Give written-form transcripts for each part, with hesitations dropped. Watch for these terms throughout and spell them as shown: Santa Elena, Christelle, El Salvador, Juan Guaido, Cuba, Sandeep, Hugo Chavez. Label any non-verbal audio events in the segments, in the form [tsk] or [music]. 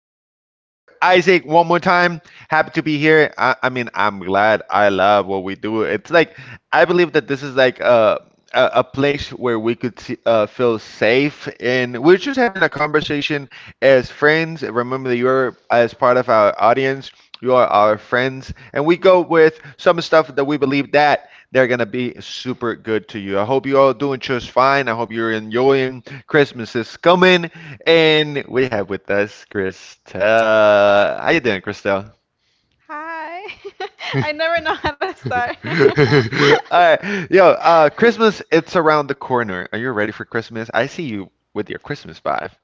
guys? This is your boy Isaac. One more time, happy to be here. I mean, I'm glad. I love what we do. It's like I believe that this is like a place where we could see, feel safe, and we're just having a conversation as friends. Remember that you're as part of our audience. You are our friends, and we go with some stuff that we believe that they're gonna be super good to you. I hope you all doing just fine. I hope you're enjoying Christmas is coming, and we have with us Christelle. How you doing, Christelle? Hi. [laughs] I never know how to start. [laughs] [laughs] All right, yo, Christmas, it's around the corner. Are you ready for Christmas? I see you with your Christmas vibe.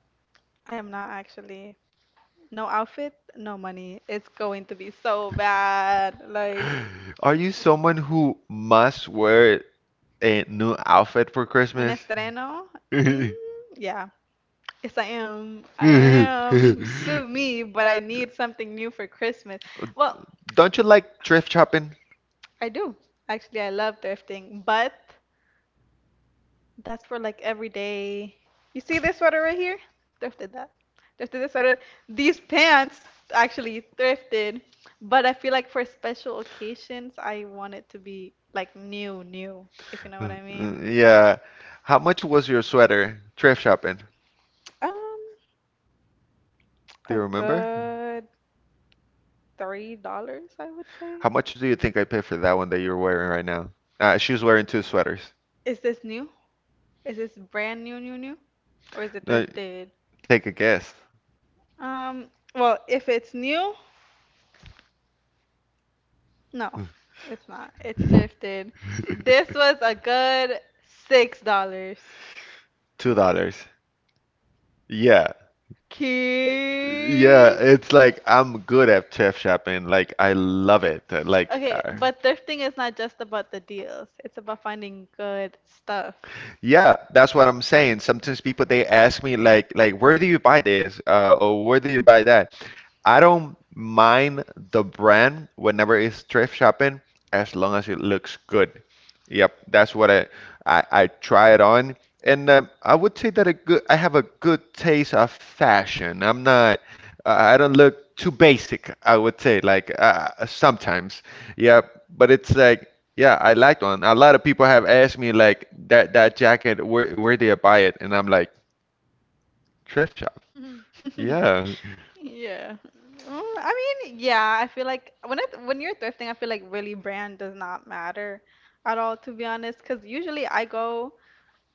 I am not actually. No outfit, no money. It's going to be so bad. Like, Are you someone who must wear a new outfit for un Christmas? estreno? Mm, yeah. Yes, I am. I am. Sue me, but I need something new for Christmas. Well, Don't you like thrift shopping? [laughs] I do. Actually, I love thrifting, but that's for like everyday. You see this sweater right here? Thrifted that. Thrifted this sweater. These pants actually thrifted, but I feel like for special occasions, I want it to be like new, new, if you know what I mean. Yeah. How much was your sweater thrift shopping? Um, Do a you remember? good $3, I would say. How much do you think I paid for that one that you're wearing right now? She was wearing two sweaters. Is this new? Is this brand new, new, new? Or is it Uh, thrifted? Take a guess. Um, well, if it's new, no, it's not. It's shifted. This [laughs] was a good $6. $2. Yeah. Yeah, Key. it's like I'm good at chef shopping. Like I love it. Like Okay, but thrifting is not just about the deals. It's about finding good stuff. [laughs] yeah, that's what I'm saying. Sometimes people they ask me like where do you buy this or where do you buy that? I don't mind the brand whenever it's thrift shopping as long as it looks good. Yep, that's what I try it on. And I would say that a good, I have a good taste of fashion. I'm not, I don't look too basic, I would say, like sometimes. Yeah, but it's like, yeah, I like one. A lot of people have asked me like that jacket, where did I buy it? And I'm like, thrift shop. Yeah. Yeah. I mean, yeah, I feel like when you're thrifting, I feel like really brand does not matter at all, to be honest, because usually I go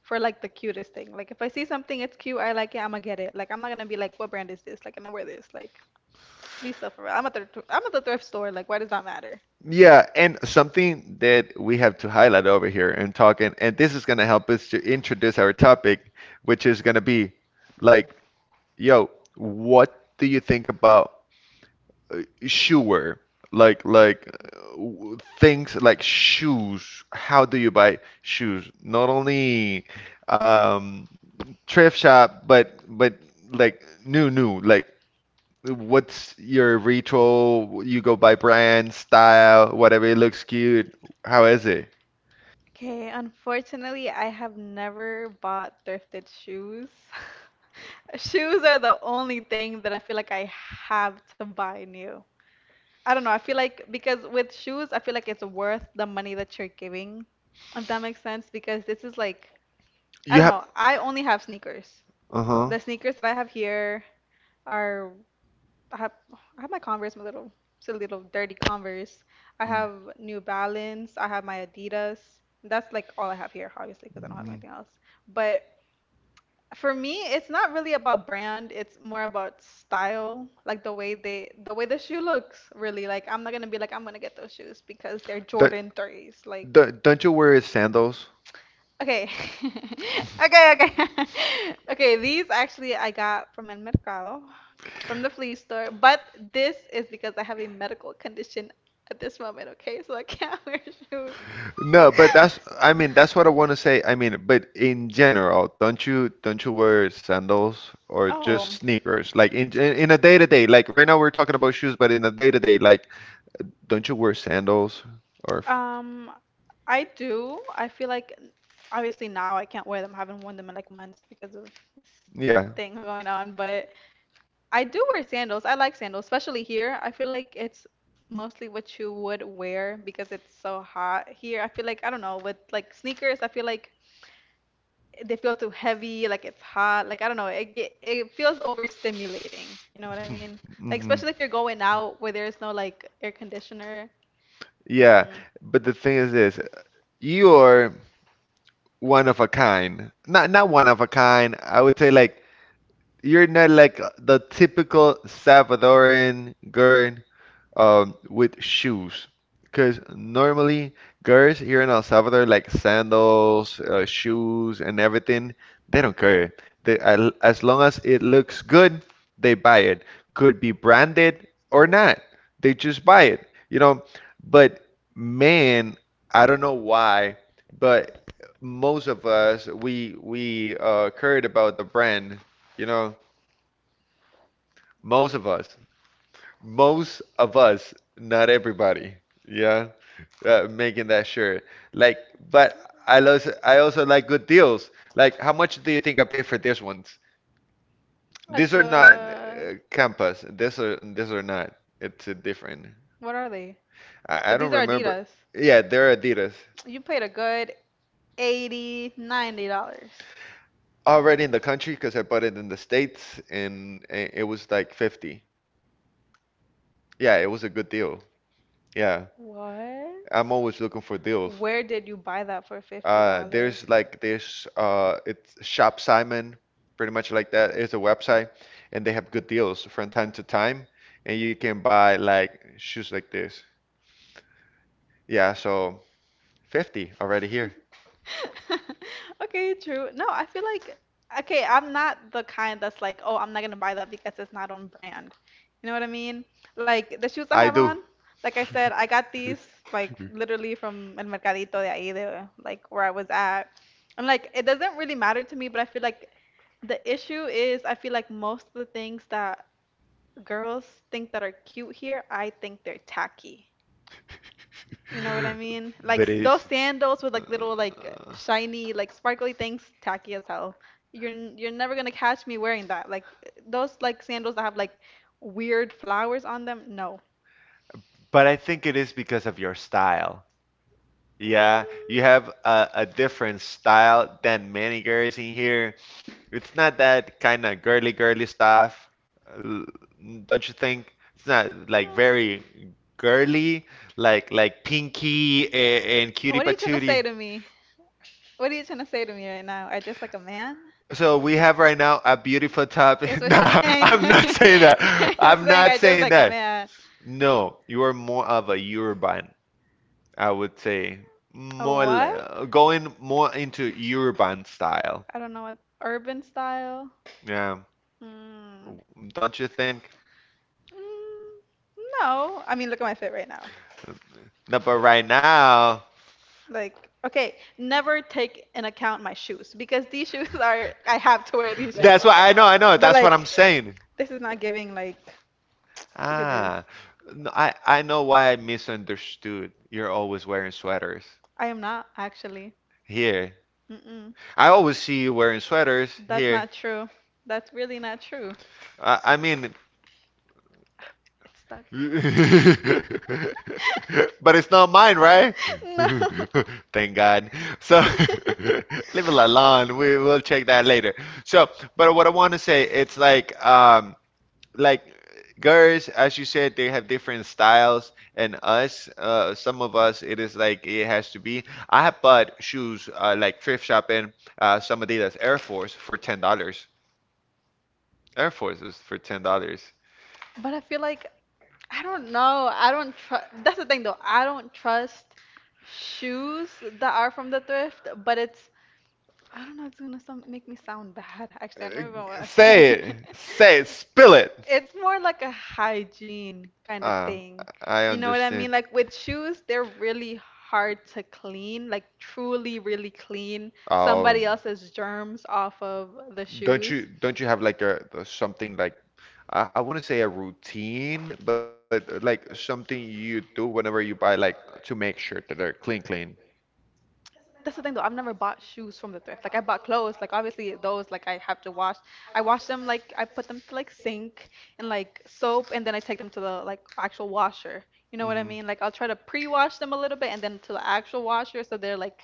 for like the cutest thing. Like if I see something it's cute, I like it, I'm gonna get it. Like I'm not gonna be like, what brand is this? Like, can I wear this? Like, be stuff around. I'm at I'm at the thrift store. Like, why does that matter? Yeah, and something that we have to highlight over here and talking, and this is going to help us to introduce our topic, which is going to be like, yo, what do you think about sure like w- things like shoes, how do you buy shoes, not only um thrift shop but like new, like what's your ritual? You go by brand, style, whatever it looks cute, how is it Okay, unfortunately, I have never bought thrifted shoes. [laughs] Shoes are the only thing that I feel like I have to buy new. I don't know. I feel like because with shoes, I feel like it's worth the money that you're giving, if that makes sense. Because this is like, I you don't have know. I only have sneakers. uh-huh? The sneakers that I have here, are I have I have my Converse, my little silly little dirty Converse. I have New Balance. I have my Adidas. That's like all I have here, obviously, because I don't have anything else. But for me, it's not really about brand. It's more about style, like the way the shoe looks, really. Like I'm not gonna be like I'm gonna get those shoes because they're Don't, Jordan 3s. Like don't you wear sandals? okay. [laughs] Okay, okay. [laughs] Okay, these actually I got from El Mercado, from the flea store, but this is because I have a medical condition at this moment, okay? So I can't [laughs] wear shoes. No, but that's I mean that's what I want to say. I mean, but in general, don't you wear sandals or just Oh, sneakers? Like in a day to day, like right now we're talking about shoes, but in a day to day, like don't you wear sandals or um, I do. I feel like obviously now I can't wear them. I haven't worn them in like months because of this yeah. thing going on, but I do wear sandals. I like sandals, especially here. I feel like it's mostly what you would wear because it's so hot here. I feel like I don't know with like sneakers. I feel like they feel too heavy. Like it's hot. Like I don't know. It feels overstimulating. You know what I mean? Like Hmm especially if you're going out where there's no like air especially. conditioner. Yeah, Mm. but the thing is this, you're one of a kind. Not one of a kind. I would say like you're not like the typical Salvadoran girl with shoes. Because normally, girls here in El Salvador, like sandals, shoes, and everything, they don't care. They, as long as it looks good, they buy it. Could be branded or not. They just buy it, you know. But man, I don't know why, but most of us, we cared about the brand, you know. Most of us, most of us, not everybody, yeah, making that sure. Like, but I also like good deals. Like, how much do you think I pay for these ones? A These are not good. Campus. These are not. It's different. What are they? I But don't these are remember. Adidas. Yeah, they're Adidas. You paid a good 80, $90. Already in the country because I bought it in the States and it was like 50. Yeah, it was a good deal. Yeah. What? I'm always looking for deals. Where did you buy that for fifty dollars? There's like there's it's Shop Simon, pretty much like that. It's a website, and they have good deals from time to time, and you can buy like shoes like this. Yeah, so 50 already here. [laughs] Okay, true. No, I feel like okay, I'm not the kind that's like, oh, I'm not gonna buy that because it's not on brand. You know what I mean? Like the shoes I I have do, on, like I said, I got these like literally from El Mercadito de ahí de like where I was at. And like it doesn't really matter to me, but I feel like the issue is I feel like most of the things that girls think that are cute here, I think they're tacky. You know what I mean? [laughs] Like but those it's. sandals with like little like Uh, shiny like sparkly things, tacky as hell. You're never gonna catch me wearing that. Like those like sandals that have like weird flowers on them. No. But I think it is because of your style. Yeah, you Mm. have a different style than many girls in here. It's not that kind of girly stuff, l- don't you think? It's not like Mm. very girly, like Pinky and Cutie What are you trying to Patootie. say to me? What are you trying to say to me right now? I dress like a man? So we have right now a beautiful Is topic. [laughs] what No, you're saying? [laughs] I'm not saying that. You're I'm saying not I dress saying like a that. man. No, you are more of a urban, I would say. A More what? Going more into urban style. I don't know what urban style. Yeah, Mm. don't you think? Mm, no, I mean look at my fit right now. No, but right now. Like, okay, never take in account my shoes because these shoes [laughs] are I have to wear these shoes. That's replace. Why I know, I know. But That's what I'm like, saying. this is not giving like. [tsk] Look at this. Ah, no, I know why I misunderstood. You're always wearing sweaters I am not actually. here. Mm-mm. I always see you wearing sweaters That's here. not true. That's really not true. I mean, [sighs] It's stuck. [laughs] [laughs] but it's not mine, right? No. [laughs] [laughs] Thank God. So [laughs] leave it alone. We will check that later. So, but what I want to say, it's like girls, as you said, they have different styles, and us, some of us, it is like it has to be. I have bought shoes like thrift shopping, some Adidas Air Force for $10. Air Forces for $10. But I feel like I don't know. I don't trust. That's the thing though. I don't trust shoes that are from the thrift, but it's I don't know, it's gonna some make me sound [laughs] bad. Actually, I Uh, don't even want to say Say it, it. say it, spill [laughs] it. It's more like a hygiene kind of Uh, thing. I You know what I mean? understand. Like with shoes, they're really hard to clean, like truly, really clean Oh. somebody else's germs off of the Don't shoes. you have like a something like I wouldn't say a routine, but like something you do whenever you buy, like to make sure that they're clean, clean. That's the thing though. I've never bought shoes from the thrift. Like I bought clothes. Like obviously those like I have to wash. I wash them like I put them to like sink and like soap and then I take them to the like actual washer. You know what I Hmm. mean? Like I'll try to pre-wash them a little bit and then to the actual washer so they're like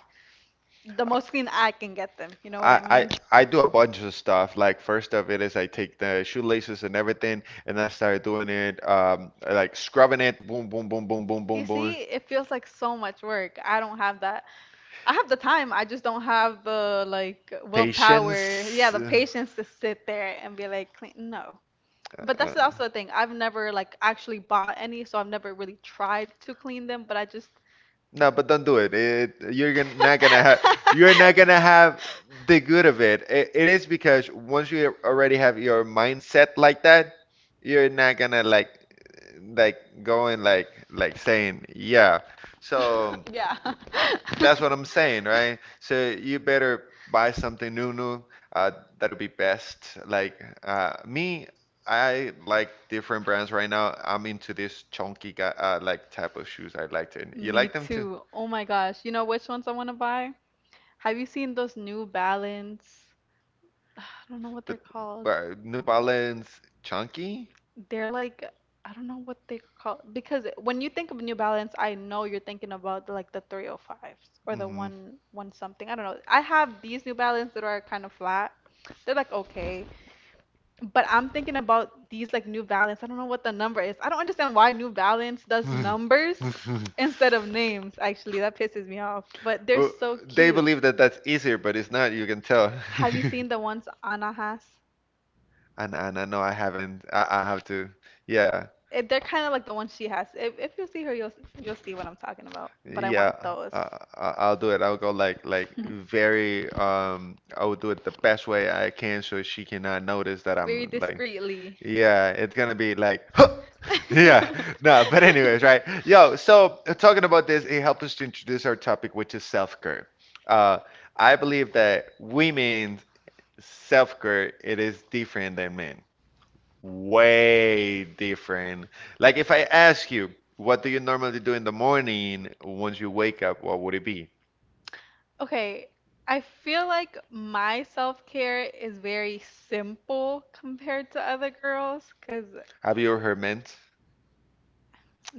the most clean I can get them. You know what I, I I mean? I do a bunch of stuff. Like first of it is I take the shoelaces and everything, and I start doing it, like scrubbing it, boom, boom, boom, boom, boom, You boom, boom. see, it feels like so much work. I don't have that I have the time. I just don't have the like willpower. Yeah, Patience. the patience to sit there and be like, clean. No. But Uh, that's uh, also the thing. I've never like actually bought any, so I've never really tried to clean them. But I just. no, but don't do it. It you're gonna, not gonna have you're not gonna [laughs] have the good of it. It. It is because once you already have your mindset like that, you're not gonna like going like saying yeah. So Yeah. [laughs] that's what I'm saying, right? So you better buy something new. Uh, That'll be best. Like me, I like different brands. Right now I'm into this chunky guy, like type of shoes. I like it. You Me like them too? too. Oh my gosh. You know which ones I want to buy? Have you seen those New Balance? [sighs] I don't know what they're But, called. but New Balance chunky? They're like I don't know what they call because when you think of New Balance, I know you're thinking about like the 305s or the Mm-hmm. one one something. I don't know. I have these New Balance that are kind of flat. They're like okay, but I'm thinking about these like New Balance. I don't know what the number is. I don't understand why New Balance does numbers [laughs] instead of names. Actually, that pisses me off. But they're Well, so they cute. believe that that's easier, but it's not. You can tell. [laughs] Have you seen the ones Anna has? And I know I haven't. I have to. Yeah, They're kind of like the ones she has. If you see her, you'll see what I'm talking about. But I yeah. want those. Uh, I'll do it. I'll go like very. I will do it the best way I can so she [laughs] cannot notice that Very I'm like. discreetly. [laughs] Yeah, it's gonna be like. Huh! [laughs] Yeah, no. But anyways, right? Yo, so talking about this, it helps us to introduce our topic, which is self-care. Uh, I believe that women's self-care it is different than men. Way different. Like if I ask you, what do you normally do in the morning once you wake up, what would it be? Okay, I feel like my self-care is very simple compared to other girls, 'cause Have you ever heard mint?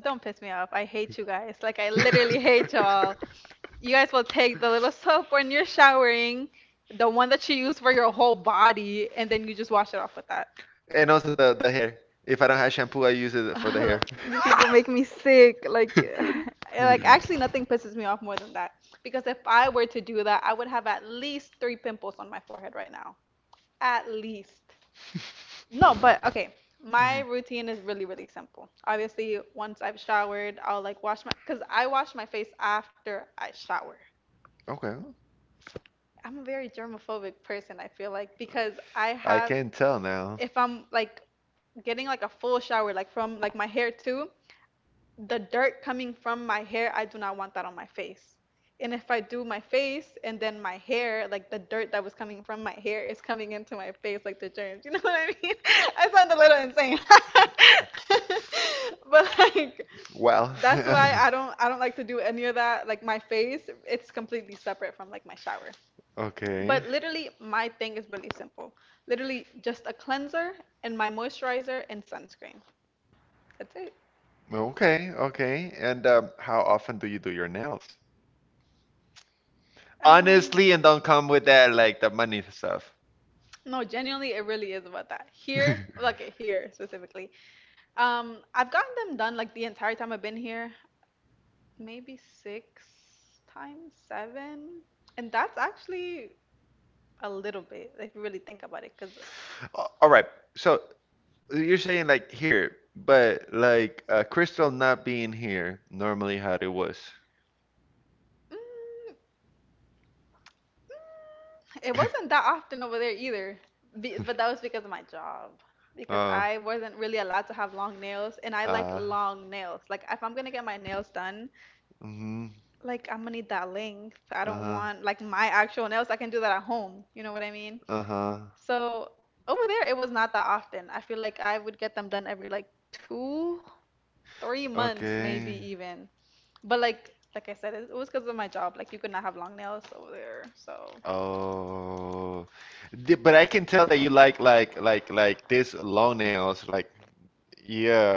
don't piss me off. I hate you guys. Like I literally hate y'all. You guys will take the little soap when you're showering, the one that you use for your whole body, and then you just wash it off with that. And also the hair. If I don't have shampoo, I use [laughs] it for the Ugh, hair. you people make me sick. Like, [laughs] [sighs] like [laughs] actually, nothing pisses me off more than that. Because if I were to do that, I would have at least three pimples on my forehead right now. At least. No, but okay. My routine is really, really simple. Obviously, once I've showered, I'll like wash my, because I wash my face after I shower. Okay. I'm a very germophobic person, I feel like, because I I have, can tell now. if I'm like getting like a full shower, like from like my hair too, the dirt coming from my hair, I do not want that on my face. And if I do my face and then my hair, like the dirt that was coming from my hair is coming into my face, like the germs. You [laughs] know what I mean? [laughs] I sound a little insane. [laughs] But like, Well. that's why I [laughs] don't I don't like to do any of that. Like my face, it's completely separate from like my shower. Okay. But literally, my thing is really simple. Literally, just a cleanser and my moisturizer and sunscreen. That's it. Okay, okay. And how often do you do your nails? Um, Honestly, and don't come with that like the money stuff. No, genuinely, it really is about that. [laughs] A- Here, like here specifically, I've gotten them done like the entire time I've been here, maybe 6 times, 7, and that's actually a little bit if you really think about it, because All right. So you're saying like here, but like Crystal not being here, normally how it was. it wasn't that often over there either, but that was because of my job. Because Uh. I wasn't really allowed to have long nails, and I like Uh. long nails. Like if I'm gonna get my nails done, Mhm. like I'm gonna need that length. I don't Uh-huh. want like my actual nails. I can do that at home. You know what I mean? Uh-huh. So over there, it was not that often. I feel like I would get them done every like 2, 3 months, maybe Okay. even. But like I said, it was because of my job. Like you could not have long nails over there. So Oh, but I can tell that you like this long nails. Like,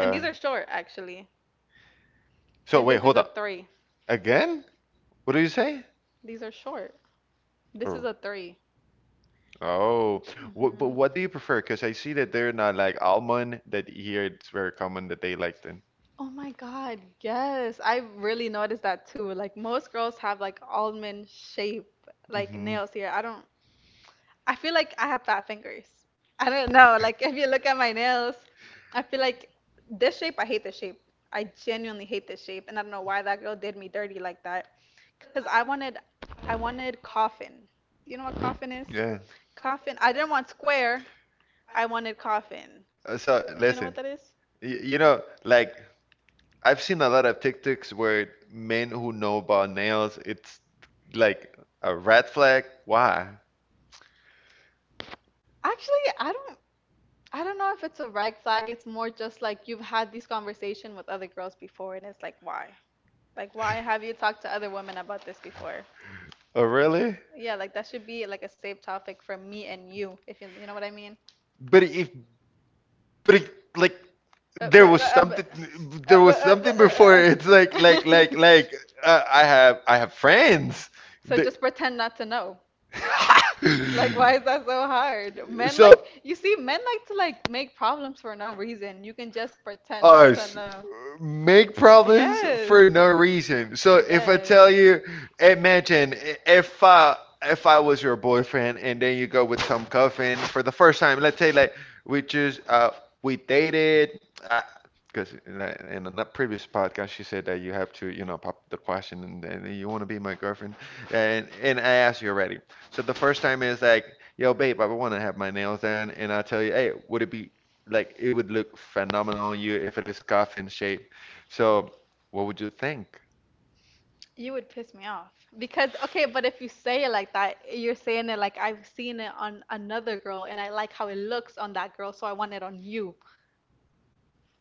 and these are short actually. So Because wait, this is hold a up. three. Again? What do you say? These are short. This is Oh. a three. Oh, what, but Mhm. what do you prefer? Because I see that they're not like almond, that here it's very common that they like them. Oh my God, yes. I really noticed that too. Like most girls have like almond shape like Hmm. nails here. I don't I feel like I have fat fingers. I don't know. Like if you look at my nails, I feel like this shape, I hate this shape. I genuinely hate this shape, and I don't know why that girl did me dirty like that. Cause I wanted coffin. Do you know what coffin is? Yeah. Coffin. I didn't want square. I wanted coffin. So Do you know what listen, that is? You know, like I've seen a lot of TikToks where men who know about nails, it's like a red flag. Why? Actually, I don't. I don't know if it's a red flag. It's more just like you've had this conversation with other girls before, and it's like why? Like why have you talked to other women about this before? Oh, really? Yeah, like that should be like a safe topic for me and you, if you know what I mean. But if, but it, like Uh, but there but, was uh, but, something, uh, there but, was [laughs] uh, something before. It's but, uh, uh, [laughs] I have friends. so just pretend not to know. Like, why is Hello. that so hard? Men like So, you see, men like to like make problems for no reason. You can just pretend not to us know. make problems Yes. for no reason. So if I Yes. tell you, imagine if I was your boyfriend and then you go with some coffin for the first time. Let's say like we just uh we dated. Uh, Because in a previous podcast, she said that you have to, you know, pop the question and you want to be my girlfriend, and I asked you already. So the first time is like, yo, babe, I want to have my nails done. And I tell you, hey, would it be like it would look phenomenal on you if it is scuff in shape? So, what would you think? You would piss me off because okay, but if you say it like that, you're saying it like I've seen it on another girl and I like how it looks on that girl, so I want it on you.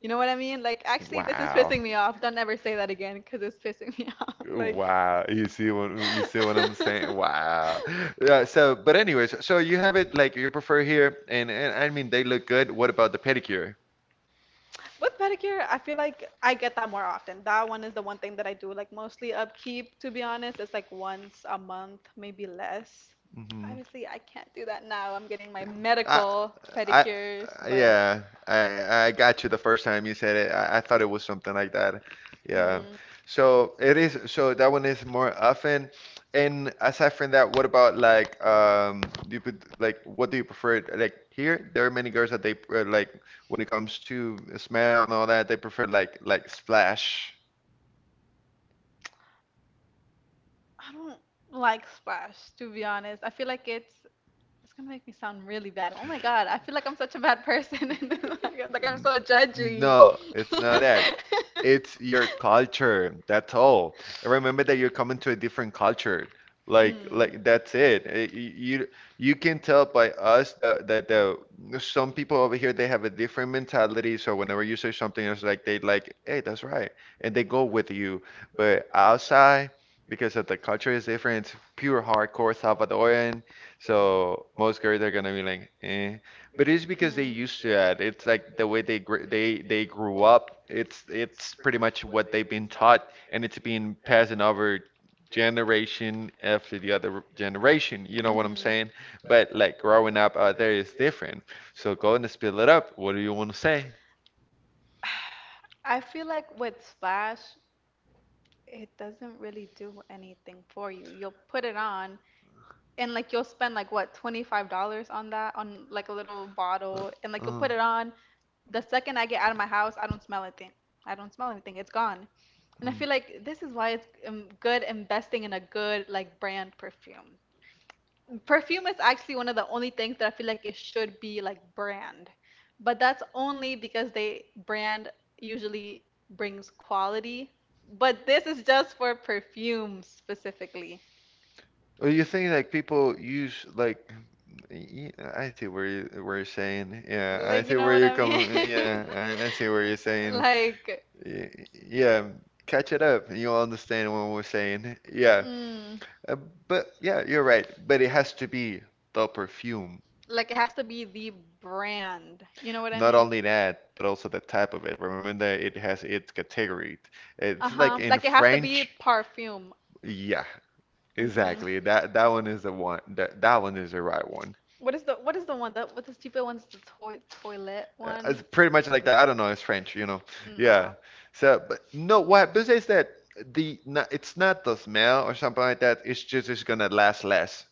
You know what I mean? Like actually, this is Wow. pissing me off. Don't ever say that again because it's pissing me [laughs] off. Like. Wow, you see what I'm saying? Wow. Yeah, so but anyways, so you have it like you prefer here and I mean they look good. What about the pedicure? With pedicure, I feel like I get that more often. That one is the one thing that I do, like mostly upkeep, to be honest. It's like once a month, maybe less. Hmm. Obviously, I can't do that now. I'm getting my I, medical I, pedicures, but I got you the first time you said it. I thought it was something like that. Yeah. mm, So it is. So that one is more often. And aside from that, what about like do you put, like what do you prefer? Like here, there are many girls that they like when it comes to smell and all that, they prefer like splash. I don't like splash, to be honest. I feel like it's gonna make [laughs] me sound really bad. Oh my God, I feel like I'm such a bad person. [laughs] And then, like I'm so judgy. No, it's [laughs] not that. It's your culture. That's all. And remember that you're coming to a different culture. Like, Mm. like that's it. You can tell by us that that the some people over here they have a different mentality. So whenever you say something, it's like they like, hey, that's right, and they go with you. But outside, because of the culture is different, it's pure hardcore Salvadoran. So most girls are gonna be like, eh. But it's because they Hmm. used to that. It's like the way they gr they grew up. It's pretty much what they've been taught, and it's been passing over generation after the other generation. You know what I'm Mm-hmm. saying? But like growing up out there is different. So go and spill it up. What do you want to say? [sighs] I feel like with Splash, it doesn't really do anything for you. You'll put it on and like you'll spend like what, $25 on that on like a little Uh, bottle and like you'll uh. put it on. The second I get out of my house, I don't smell anything. I don't smell anything. It's gone. And I feel like this is why it's good investing in a good like brand perfume. Perfume is actually one of the only things that I feel like it should be like brand. But that's only because they brand usually brings quality. But this is just for perfume specifically. Well, you think like people use like I see where you're saying. Yeah, I Like, you see know where what you're I mean? coming. Yeah, I [laughs] see where you're saying. Like, Y- Yeah, catch it up and you'll understand what we're saying. Yeah. mm, Uh, but yeah, you're right. But it has to be the perfume. Like it has to be the brand. You know what I Not mean? only that, but also the type of it. Remember that it has its category. Uh It's like huh. in Like it has to be French. perfume. Yeah, Mm-hmm. exactly. That one is the one. That one is the right one. What is the one that with the stupid one's the toy toilet It's one? pretty much like that. I don't know. It's French. Yeah. No. So, but no, what besides that, the no, it's not the smell or something like that. It's just it's gonna last less.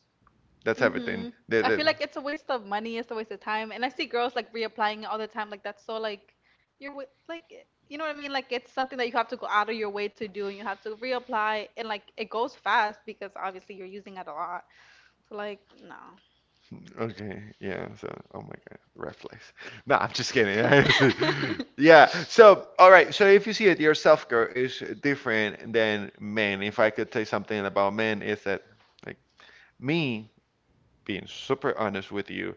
That's everything. Mm-hmm. I feel like it's a waste of money, it's a waste of time. And I see girls like reapplying it all the time. Like that's so you're wa- like eh, you know what I mean? Like it's something that you have to go out of your way to do and you have to reapply and like it goes fast because obviously you're using it a lot. So like no. Okay, yeah, so oh my God, red flags. No, I'm just kidding. [laughs] I see. [laughs] Yeah, so all right, so if you see it, your self-care is different than men. If I could say something about men, is that like me being super honest with you,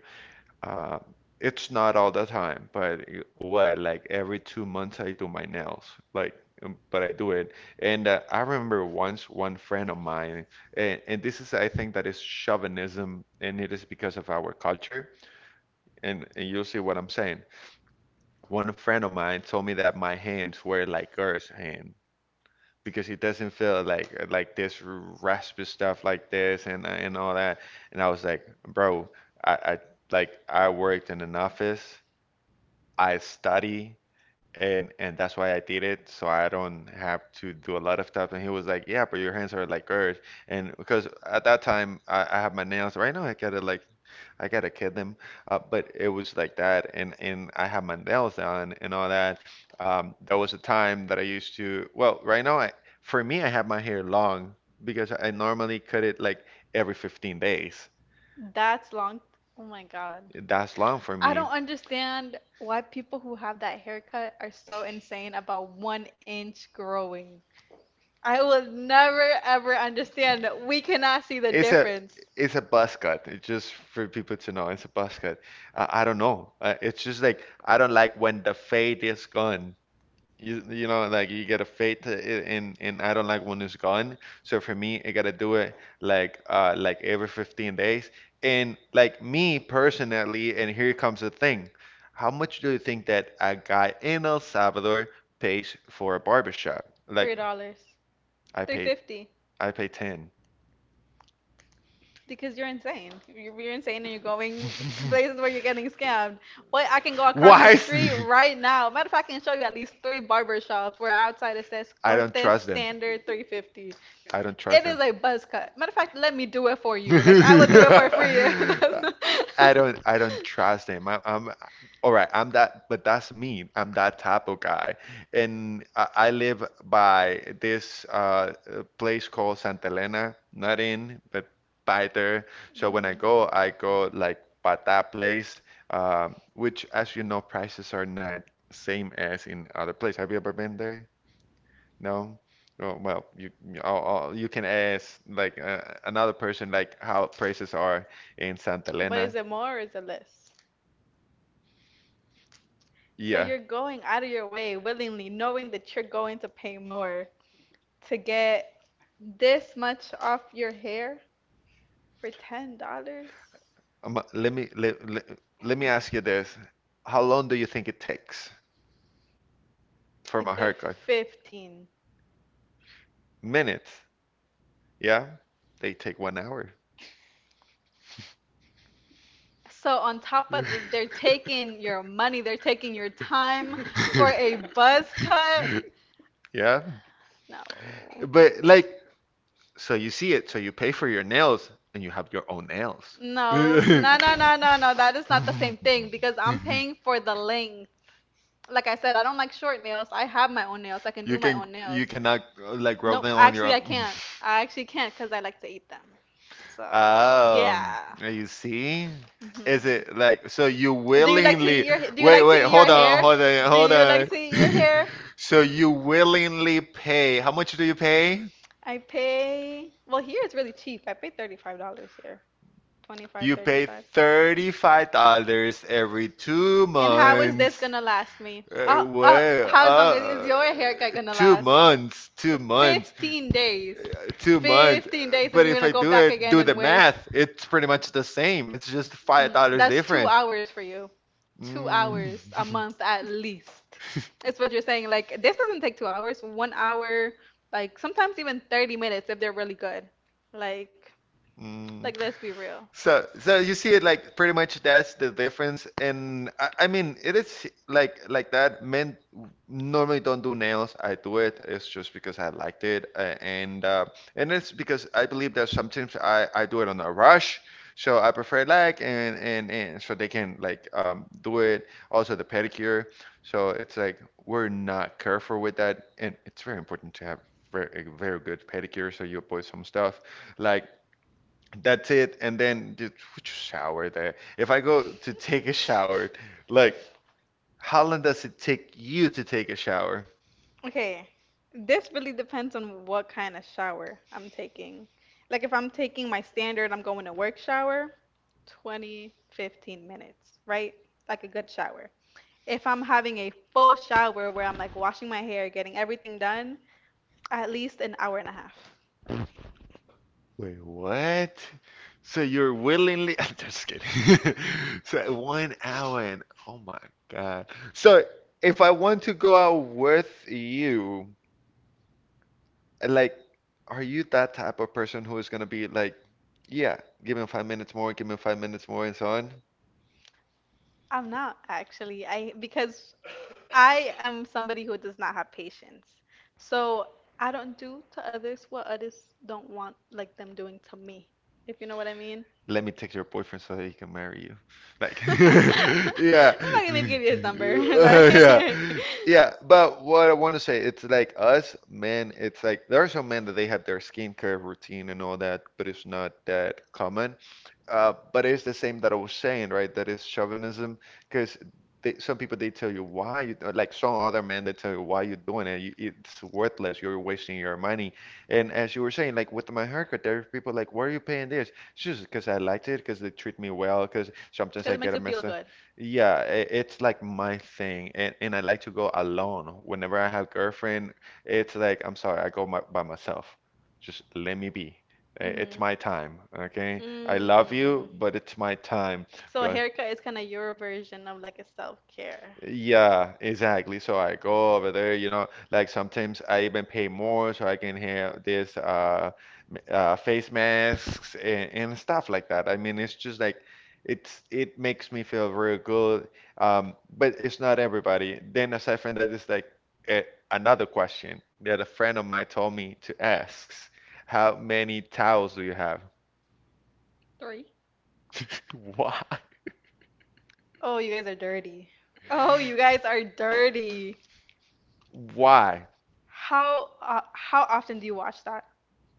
uh, it's not all the time, but what, like every 2 months I do my nails, like, but I do it. And I remember once one friend of mine, and this is, I think, that is chauvinism, and it is because of our culture and you'll see what I'm saying. One friend of mine told me that my hands were like Earth's hand because it doesn't feel like this raspy stuff like this and all that. And I was like, bro, I like I worked in an office. I study and that's why I did it, so I don't have to do a lot of stuff. And he was like, "Yeah, but your hands are like hers." And because at that time I have my nails right now, I gotta like, I gotta kid them. But it was like that, and I have my nails done and all that. There was a time that I used to. Well, right now for me, I have my hair long because I normally cut it like every 15 days. That's long. Oh my God. That's long for I me. don't understand why people who have that haircut are so insane about 1 inch growing. I will never ever understand that we cannot see the It's a difference. it's a buzz cut. It's just for people to know. It's a buzz cut. I don't know. It's just like I don't like when the fade is gone. You know like you get a fade to it and I don't like when it's gone. So for me, I gotta do it like every 15 days. And like me personally, and here comes the thing. How much do you think that a guy in El Salvador pays for a barbershop? Like $3, I three paid fifty, I pay 10. because you're insane. You're insane, and you're going [laughs] to places where you're getting scammed. What I can go [laughs] across the Why? Street right now. Matter of fact, I can show you at least three barber shops where outside it says I don't Cortes trust them. Standard 3.50. I don't trust It them. is a buzz cut. Matter of fact, let me do it for [laughs] you. Like I will do it for free. [laughs] I don't [laughs] trust him. I'm all right. I'm that, but that's me. I'm that type of guy, and I live by this place called Santa Elena, not in, but by there. So when Mhm. I go like Pata place, which, as you know, prices are not same as in other place. Have you ever been there? No? Oh, well, oh, you can ask like another person like how prices are in Santa But is Elena. it more or is it less? So Yeah. you're going out of your way willingly, knowing that you're going to pay more to get this much off your hair for $10? Um, let me let, let, let me ask you this. How long do you think it takes for A my good haircut? 15. Minutes. Yeah? They take 1 hour. So on [laughs] top of they're taking your money, they're taking your time for a [laughs] buzz cut? Yeah. No. But like, so you see it, so you pay for your nails and you have your own nails. No, no, no, no, no, no. That is not the same [laughs] thing because I'm paying for the length. Like I said, I don't like short nails. I have my own nails. I can You do my can own nails. you cannot like grow Nope, them on your actually I own. can't. I actually can't because I like to eat them. So [laughs] Um, yeah. you see? Is Mhm. it like so you Do you like to eat willingly— your do you Wait, like to wait, eat your hold on, hair? hold on, Do hold you like on. to eat your [laughs] hair? So you willingly pay. How much do you pay? I pay well here it's really cheap. I pay $35 here. 25, You 30 pay 35. $35 every two And how is this months. gonna last me? Uh, Oh, well, how long is uh, your haircut gonna two last? months, 2 months, 15 days. 2 months. 15 days, and But then you're if gonna I go do back it, again do the and wait. math, it's pretty much the same. It's just $5 That's two different. hours for you. Two Mm. hours a month at least. [laughs] It's what you're saying. Like, this doesn't take 2 hours, 1 hour, like sometimes even 30 minutes if they're really good. Like, Mm. like, let's be real. So, you see it like pretty much that's the difference. And I mean, it is like that. Men normally don't do nails. I do it. It's just because I liked it, and it's because I believe that sometimes I do it on a rush. So I prefer like and so they can like do it. Also the pedicure. So it's like we're not careful with that, and it's very important to have a very good pedicure so you avoid some stuff like. That's it. And then just [tsk] shower there. If I go to take a shower, like, how long does it take you to take a shower? Okay, this really depends on what kind of shower I'm taking. Like, if I'm taking my standard, I'm going to work shower, 20, 15 minutes, right? Like a good shower. If I'm having a full shower where I'm like washing my hair, getting everything done, at least an hour and a half. Wait, what? So you're willingly— [laughs] I'm just kidding. [laughs] So 1 hour and oh my God. So if I want to go out with you, like, are you that type of person who is gonna be like, yeah, give me 5 minutes more, give me 5 minutes more, and so on? I'm not actually. I because I am somebody who does not have patience. So I don't do to others what others don't want like them doing to me. If you know what I mean. Let me take your boyfriend so that he can marry you. Like, [laughs] [laughs] I'm not yeah, gonna [laughs] maybe give you his number. [laughs] yeah, Like yeah. But what I want to say, it's like us men. It's like there are some men that [laughs] they have their skincare routine and all that, but it's not that common. But it's the same that I was saying, right? That is chauvinism, because some people they tell you why you like some other men they tell you why you're doing it. It's worthless. You're wasting your money. And as you were saying, like with my haircut, there are people like, why are you paying this? It's just because I liked it, because they treat me well, because sometimes Because I it makes get a you feel message. good. Yeah, I it's like my thing, and I like to go alone. Whenever I have girlfriend, it's like, I'm sorry, I go by myself. Just let me be. It's Mhm. my time, okay? I love you, but it's my time. So a Go- haircut is kind of your version of like a self care. yeah, exactly. So I go over there, like sometimes I even pay more so I can have this face masks and stuff like that. I mean, it's just like it makes me feel very good. But it's not everybody. Then aside from that, it's like eh, another question that a friend of mine told me to ask. How many towels do you have? Three. [laughs] Why? Oh, you guys are dirty. Oh, you guys are dirty. Why? How often do you watch that?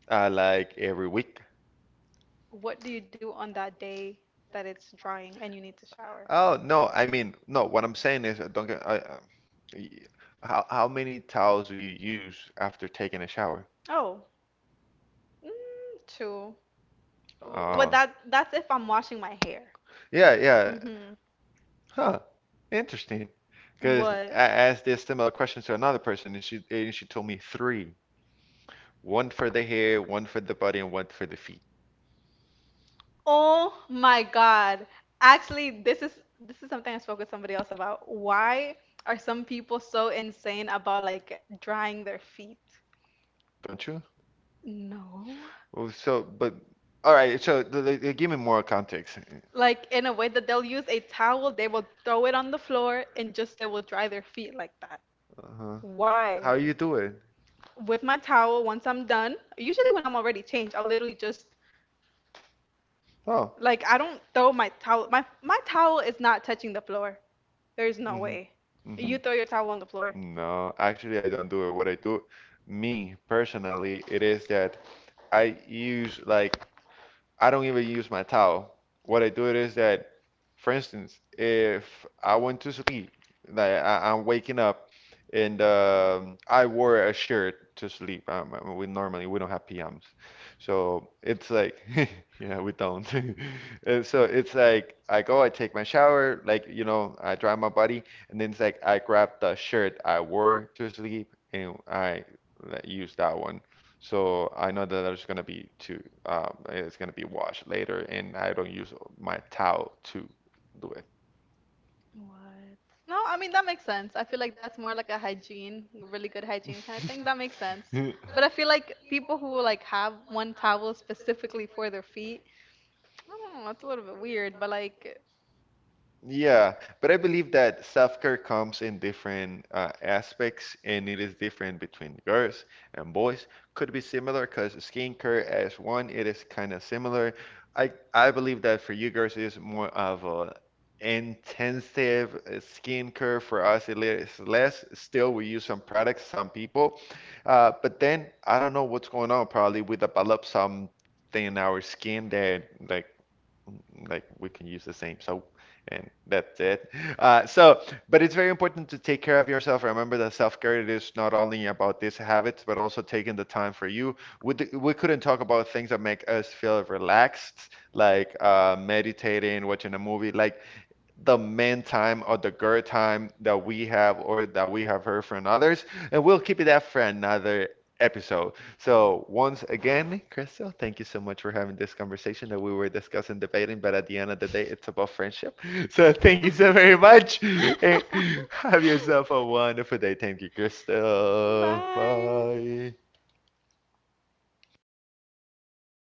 Like every week? What do you do on that day that it's drying and you need to shower? Oh no, I mean no. What I'm saying is, don't get. I, y- how many towels do you use after taking a shower? Oh, two. W- But Uh, that that's if I'm washing my hair. Yeah, yeah. Mhm. Huh. Interesting. Because What? I asked this similar question to another person, and she told me three. One for the hair, one for the body, and one for the feet. Oh my God. Actually, this is something I spoke with somebody else about. Why are some people so insane about like drying their feet? Don't you? No. Oh, so, but all right. So, give me more context. Like in a way that they'll use a towel, they will throw it on the floor and just they will dry their feet like that. Uh-huh. How Why? you do it? With my towel, once I'm done, usually when I'm already changed, I'll literally just Oh. like I don't throw my towel. My towel is not touching the floor. There's no Mm-hmm. way. Mm-hmm. You throw your towel on the floor. No, actually, I don't do it. What I do, me personally, it is that I use like I don't even use my towel. What I do it is that, for instance, if I went to sleep, like I'm waking up, and I wore a shirt to sleep. I mean, we normally we don't have PMs, so it's like [laughs] yeah, we don't. [laughs] And so it's like I go, I take my shower, like I dry my body, and then it's like I grab the shirt I wore to sleep and I like, use that one. So I know that there's gonna be two. It's gonna be washed later, and I don't use my towel to do it. What? No, I mean that makes sense. I feel like that's more like a hygiene, really good hygiene kind of thing. That makes sense. But I feel like people who like have one towel specifically for their [laughs] feet, [laughs] I don't know, it's a little bit weird, but like Yeah, but I believe that self-care comes in different aspects and it is different between girls and boys. Could be similar because skincare as one, it is kind of similar. I believe that for you girls is more of a intensive skincare. For us, it is less. Still, we use some products, some people. But then I don't know what's going on probably with develop something in our skin that like like we can use the same soap and that's it. [laughs] Uh, so, but it's very important to take care of yourself. Remember that self-care it is not only about these habits, but also taking the time for you. We couldn't talk about things that make us feel relaxed, like meditating, watching a movie. Like the man time or the girl time that we have or that we have heard from others. And we'll keep it that for another episode. So, once again, Crystal, thank you so much for having this conversation that we were discussing, debating, but at the end of the day, it's about friendship. [laughs] So, thank you so very much. And [laughs] have yourself a wonderful day. Thank you, [laughs] [laughs] Crystal. Bye. Bye.